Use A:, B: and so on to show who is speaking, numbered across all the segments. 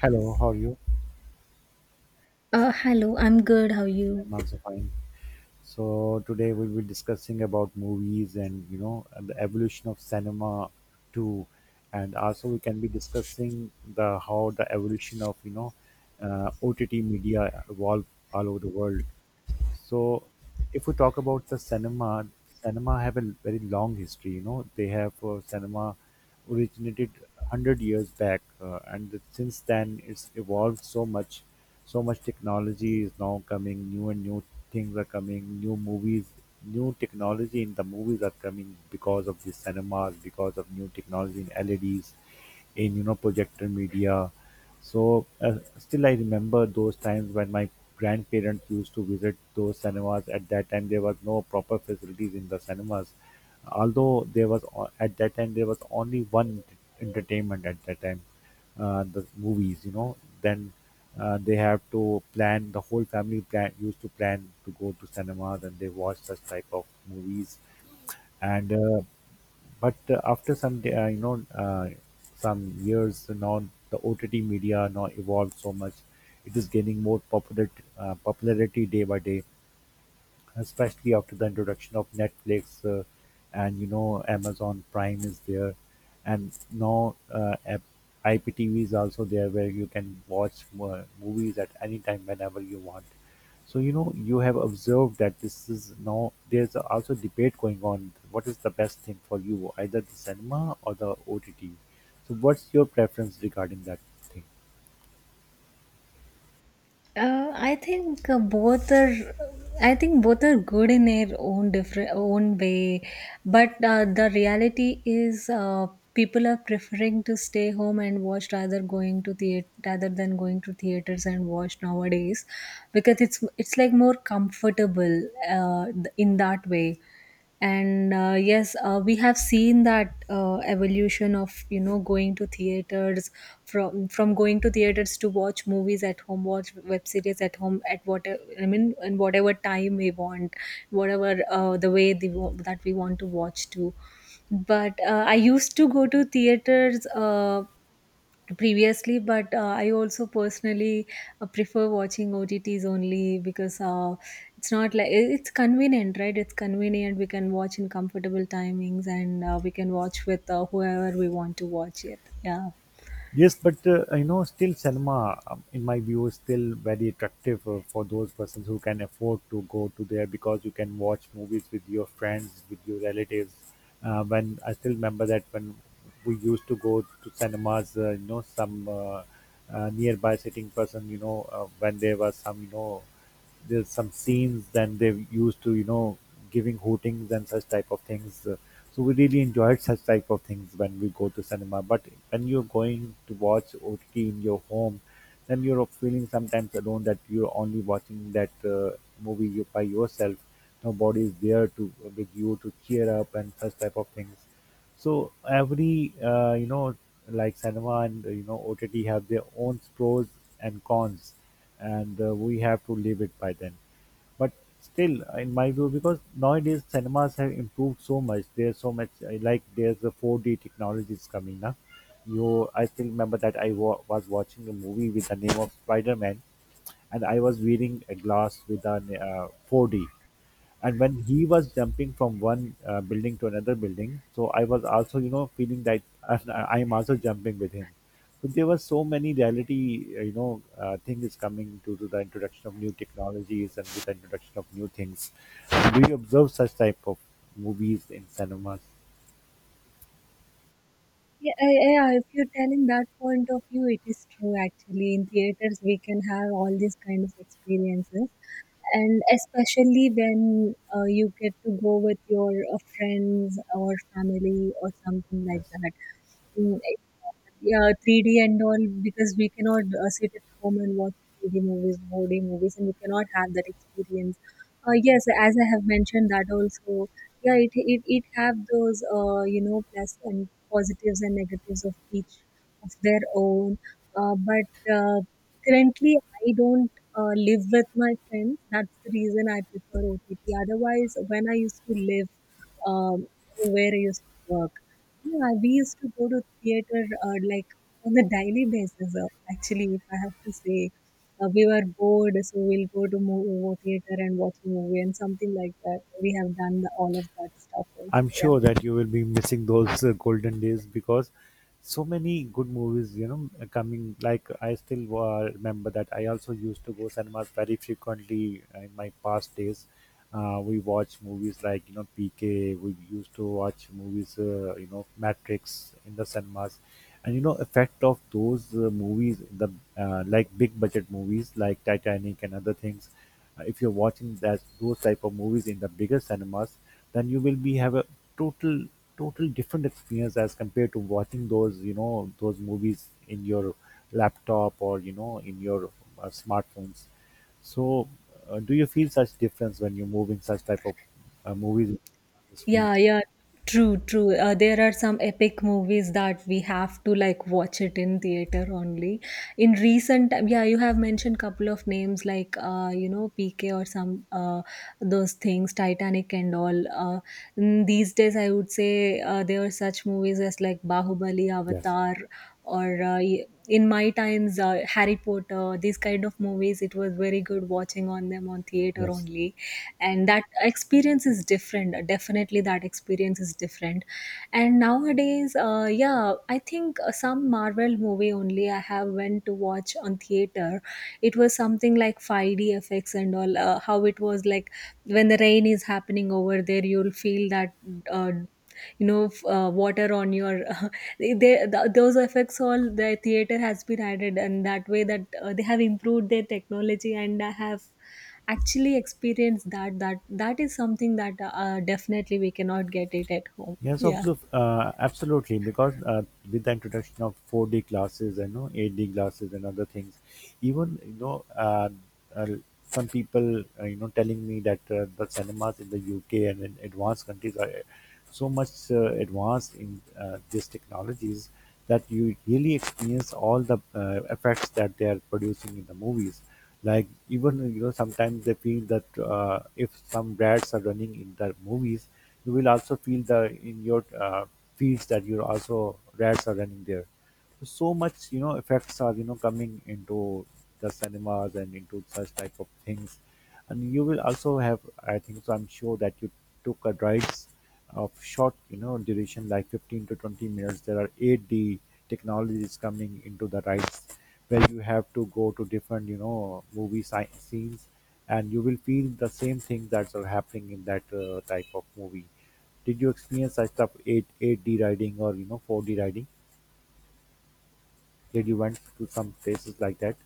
A: Hello, how are you?
B: Hello, I'm good. How are you?
A: I'm also fine. So today we'll be discussing about movies and you know the evolution of cinema too, and also we can be discussing the how the evolution of OTT media evolved all over the world. So if we talk about the cinema, cinema have a very long history. You know, they have cinema originated hundred years back, and since then it's evolved so much. So much technology is now coming. New and new things are coming. New movies, new technology in the movies are coming because of the cinemas, because of new technology in LEDs, in you know projector media. So still, I remember those times when my grandparents used to visit those cinemas. At that time, there was no proper facilities in the cinemas. Although at that time there was only one entertainment at that time, the movies. You know, then they have to plan. The whole family plan used to plan to go to cinemas and they watch such type of movies. And but after some day, some years now, the OTT media now evolved so much. It is gaining more popular popularity day by day, especially after the introduction of Netflix, and you know Amazon Prime is there, and now IPTV is also there where you can watch movies at any time whenever you want. So you know you have observed that this is now there's also debate going on. What is the best thing for you, either the cinema or the OTT? So what's your preference regarding that thing?
B: I think both are. I think both are good in their own different own way, but the reality is, people are preferring to stay home and watch rather going to theater rather than going to theaters and watch nowadays, because it's like more comfortable uh, in that way. And yes, we have seen that evolution of going to theaters from going to theaters to watch movies at home, watch web series at home, at whatever, I mean, in whatever time we want, whatever the way the, that we want to watch to. But I used to go to theaters previously, but I also personally prefer watching OTTs only, because it's not like it's convenient, right? It's convenient. We can watch in comfortable timings, and we can watch with whoever we want to watch it. Yeah.
A: Yes, but you know, still cinema, in my view, is still very attractive for those persons who can afford to go to there because you can watch movies with your friends, with your relatives. When I still remember that when we used to go to cinemas, you know, some nearby sitting person, you know, when there was some, you know, there's some scenes, then they used to, you know, giving hootings and such type of things. So we really enjoyed such type of things when we go to cinema. But when you're going to watch OTT in your home, then you're feeling sometimes alone that you're only watching that movie by yourself. Nobody is there to with you to cheer up and such type of things. So every you know like cinema and you know OTT have their own pros and cons, and we have to live it by then. But still, in my view, because nowadays cinemas have improved so much. There's so much I like there's the 4D technologies coming now. You, I still remember that I was watching a movie with the name of Spider Man, and I was wearing a glass with an 4D, and when he was jumping from one building to another building, so I was also you know feeling that I am also jumping with him, but there were so many reality things coming due to the introduction of new technologies and with the introduction of new things. Do you observe such type of movies in cinemas?
B: Yeah, yeah, yeah, if you're telling that point of view, it is true actually. In theaters, we can have all these kind of experiences, and especially when you get to go with your friends or family or something like
A: Yes.
B: that. Mm, it- yeah, 3D and all, because we cannot sit at home and watch 3D movies, 4D movies, and we cannot have that experience. Yes, as I have mentioned that also. Yeah, it have those plus and positives and negatives of each of their own. But currently, I don't live with my friends. That's the reason I prefer OTT. Otherwise, when I used to live um, where I used to work, yeah, we used to go to theater like on a daily basis. Actually, if I have to say, we were bored, so we'll go to movie theater and watch a movie and something like that. We have done all of that stuff also.
A: I'm
B: Yeah.
A: sure that you will be missing those golden days because so many good movies, you know, are coming. Like I still remember that I also used to go cinemas very frequently in my past days. We watch movies like you know PK. We used to watch movies, you know, Matrix in the cinemas, and you know effect of those movies, the like big budget movies like Titanic and other things. Uh, if you're watching that those type of movies in the bigger cinemas, then you will be have a total total different experience as compared to watching those you know those movies in your laptop or you know in your smartphones. So do you feel such difference when you move in such type of movies on the screen?
B: Yeah, yeah, true, true. There are some epic movies that we have to like watch it in theater only. In recent time, yeah, you have mentioned couple of names like PK or some those things, Titanic and all. Mm, these days, I would say there are such movies as like Bahubali,
A: Yes,
B: Avatar, or in my times, Harry Potter. These kind of movies, it was very good watching on them on theater
A: yes.
B: only, and that experience is different. Definitely that experience is different. And nowadays, yeah, I think some Marvel movie only I have went to watch on theater. It was something like 5D effects and all. Uh, how it was like when the rain is happening over there, you'll feel that uh, water on your they, th- those effects all the theater has been added, and that way that they have improved their technology, and I have actually experience that that is something that definitely we cannot get it at home.
A: Yes,
B: Yeah.
A: absolutely. Because with the introduction of 4D glasses and no 8D glasses and other things, even you know, uh, some people you know telling me that the cinemas in the UK and in advanced countries are so much advanced in these technologies, that you really experience all the effects that they are producing in the movies. Like even you know sometimes they feel that if some dads are running in the movies, you will also feel the in your fields that you also dads are running there. So so much you know effects are you know coming into the cinemas and into such type of things, and you will also have, I think so, I'm sure that you took a rides of short, you know, duration like 15 to 20 minutes. There are 8D technologies coming into the rides where you have to go to different, you know, movie scenes, and you will feel the same things that are happening in that type of movie. Did you experience such stuff 8D riding or, you know, 4D riding? Did you went to some places like that?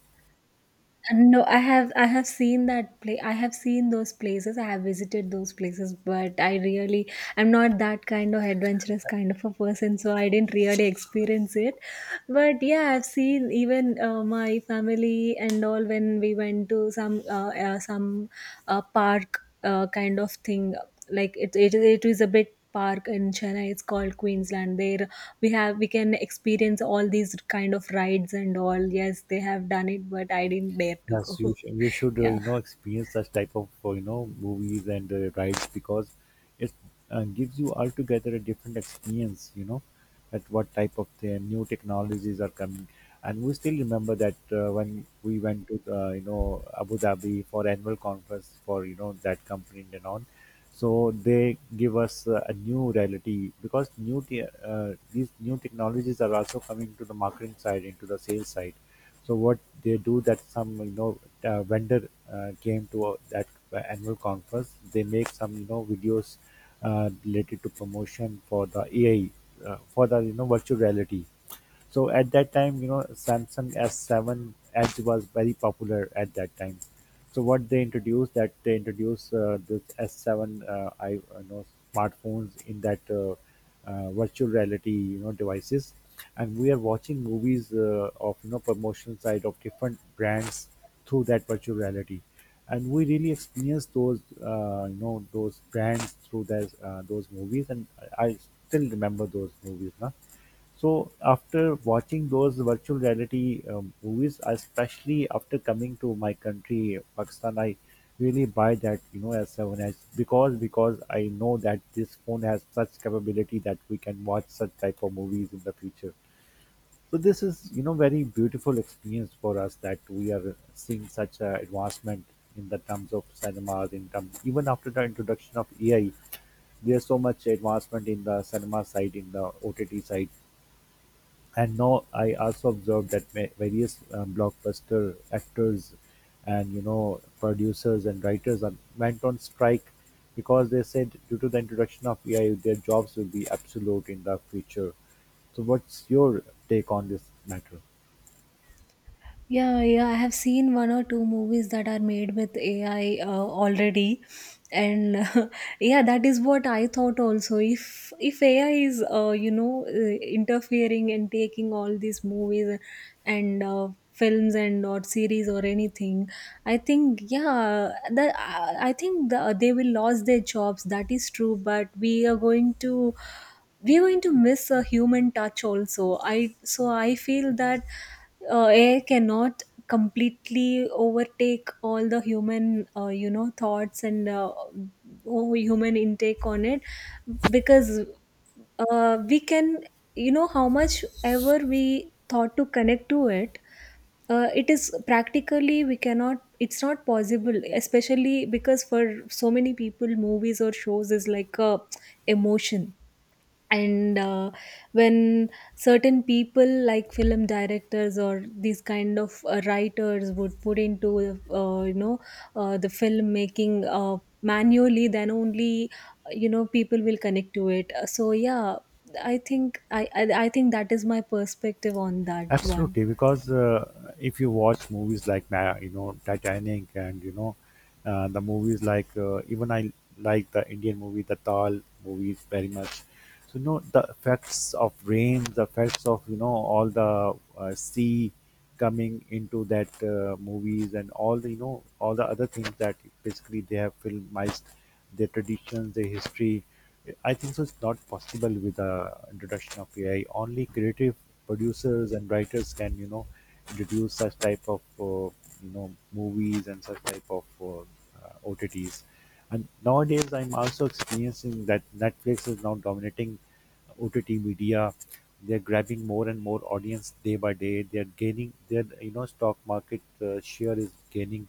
B: No, I have seen that play. I have seen those places. I have visited those places, but I really, I'm not that kind of adventurous kind of a person, so I didn't really experience it. But yeah, I've seen even my family and all when we went to some park kind of thing. Like it is a bit park in Chennai. It's called Queensland. There we can experience all these kind of rides and all. Yes, they have done it, but I didn't dare to
A: Yes,
B: go.
A: you should, you should you
B: Yeah.
A: know experience such type of you know movies and rides because it gives you altogether a different experience. You know, at what type of the new technologies are coming, and we still remember that when we went to you know Abu Dhabi for annual conference for you know that company and on, so they give us a new reality because these new technologies are also coming to the marketing side into the sales side. So what they do that some you know vendor came to that annual conference. They make some you know videos related to promotion for the AI, for the you know virtual reality. So at that time, you know, Samsung S7 Edge was very popular at that time. So what they introduced, that they introduced this S7 I know smartphones in that virtual reality you know devices, and we are watching movies of you know promotional side of different brands through that virtual reality, and we really experience those you know those brands through those movies, and I still remember those movies, na. So after watching those virtual reality movies, especially after coming to my country, Pakistan, I really buy that you know S7s 7 S because I know that this phone has such capability that we can watch such type of movies in the future. So this is you know very beautiful experience for us that we are seeing such a advancement in the terms of cinemas, in terms even after the introduction of AI, there's so much advancement in the cinema side, in the OTT side. And now I also observed that various blockbuster actors and you know producers and writers are, went on strike because they said due to the introduction of AI, their jobs will be absolute in the future. So, what's your take on this matter?
B: Yeah, yeah, I have seen one or two movies that are made with AI already, and yeah, that is what I thought also. If AI is interfering and taking all these movies and films and or series or anything, I think yeah, that I think they will lose their jobs. That is true, but we're going to miss a human touch also. I, so I feel that AI cannot completely overtake all the human thoughts and oh, human intake on it. Because we can, you know, how much ever we thought to connect to it, it is practically, we cannot, it's not possible, especially because for so many people movies or shows is like a emotion. And when certain people like film directors or these kind of writers would put into uh, you know the filmmaking manually, then only people will connect to it. So yeah, I think that is my perspective on that one.
A: Absolutely, because if you watch movies like you know Titanic and you know the movies like even I like the Indian movie the Tal movies very much. So you know the effects of rain, the effects of you know all the sea coming into that movies and all the you know all the other things that basically they have filmized their traditions, their history. I think so. It's not possible with the introduction of AI. Only creative producers and writers can you know introduce such type of you know movies and such type of OTTs. And nowadays, I'm also experiencing that Netflix is now dominating OTT media. They're grabbing more and more audience day by day. They're gaining their you know stock market share is gaining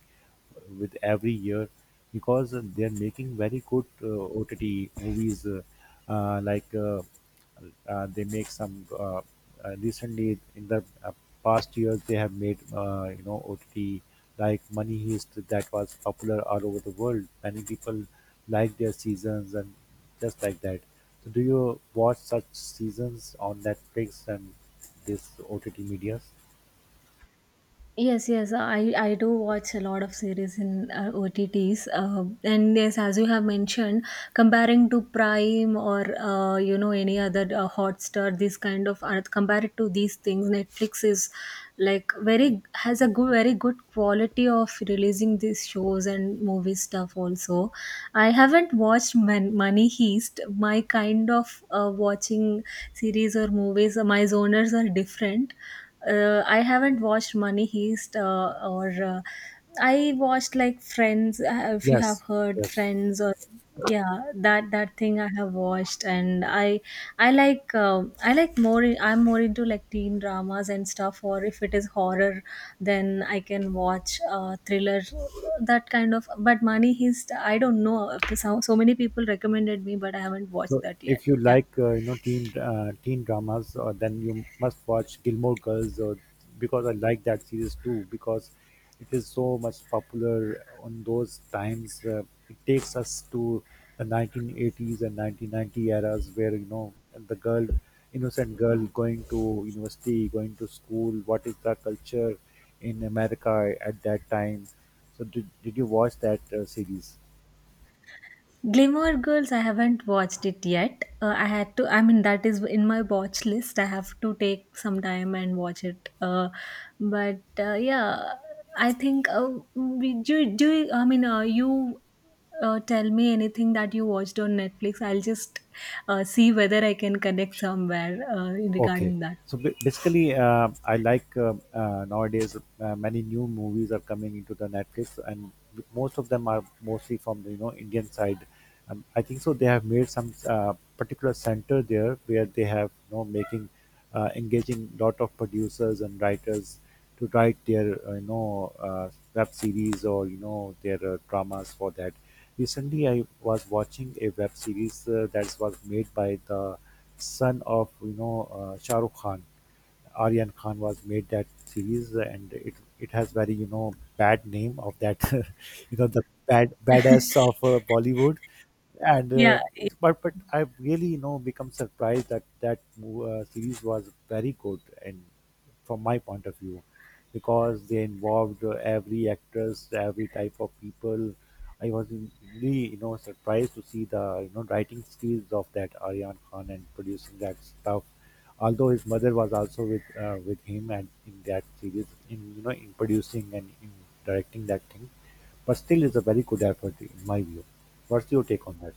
A: with every year because they're making very good OTT movies like. They make some recently in the past years they have made you know OTT like Money Heist that was popular all over the world. Many people like their seasons, and just like that. So do you watch such seasons on Netflix and this OTT medias?
B: Yes, I do watch a lot of series in OTTs. And yes, as you have mentioned, comparing to Prime or any other Hotstar, this kind of art, compared to these things, Netflix is like very very good quality of releasing these shows and movie stuff also. I haven't watched Money Heist. My kind of watching series or movies, my zoners are different. I haven't watched Money Heist or I watched like Friends. If you have
A: Yes,
B: heard
A: yes.
B: Friends or yeah, that thing I have watched. And I'm more into like teen dramas and stuff, or if it is horror, then I can watch thriller, that kind of. But Mani, heist I don't know. So many people recommended me, but I haven't watched
A: So
B: that yet.
A: if you
B: Yeah.
A: like teen dramas, then you must watch Gilmore Girls, or because I like that series too because it is so much popular on those times. It takes us to the 1980s and 1990 eras where you know the girl, innocent girl going to university, going to school. What is the culture in America at that time? So did you watch that series?
B: Gilmore Girls, I haven't watched it yet. I had to, I mean, that is in my watch list. I have to take some time and watch it. But yeah, I think we do. I mean, you, tell me anything that you watched on Netflix? I'll just see whether I can connect somewhere
A: Okay.
B: regarding that.
A: So basically, I like nowadays many new movies are coming into the Netflix, and most of them are mostly from the you know Indian side. I think so. They have made some particular center there where they have you know making engaging lot of producers and writers to write their web series or you know their dramas for that. Recently, I was watching a web series that was made by the son of you know Shah Rukh Khan. Aryan Khan was made that series, and it has very you know bad name of that you know the bad badass of Bollywood. And
B: Yeah.
A: it, but I really you know become surprised that that series was very good, and from my point of view, because they involved every actress every type of people. I really you know surprised to see the you know writing skills of that Aryan Khan and producing that stuff, although his mother was also with him and in that series in you know in producing and in directing that thing, but still it's a very good effort in my view. What's your take on that?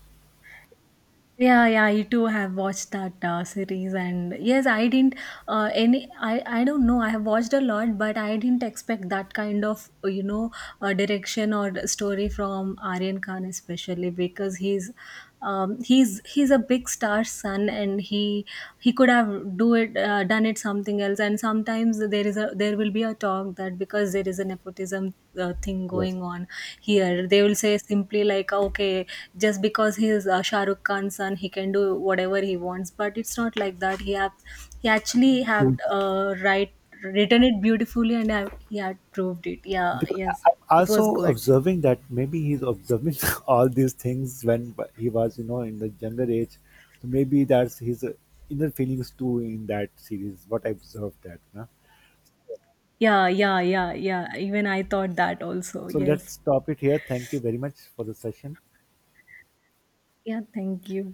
B: Yeah, yeah, I too have watched that series, and yes, I didn't any. I don't know. I have watched a lot, but I didn't expect that kind of direction or story from Aryan Khan, especially because he's a big star son, and he could have do it done it something else. And sometimes there will be a talk that because there is a nepotism thing
A: Yes.
B: going on here. They will say simply like "Ah, okay, just because he is Shah Rukh Khan's son he can do whatever he wants." But it's not like that. He actually have
A: True.
B: right, written it beautifully and have, he had proved it. Yeah.
A: Because
B: Yes,
A: I'm
B: it was
A: also
B: good.
A: observing that maybe he's observing all these things when he was, you know, in the younger age. So maybe that's his inner feelings too in that series. What I observed that. Na?
B: Yeah, yeah, yeah, yeah, even I thought that also.
A: So let's
B: Yes.
A: stop it here. Thank you very much for the session.
B: Yeah, thank you.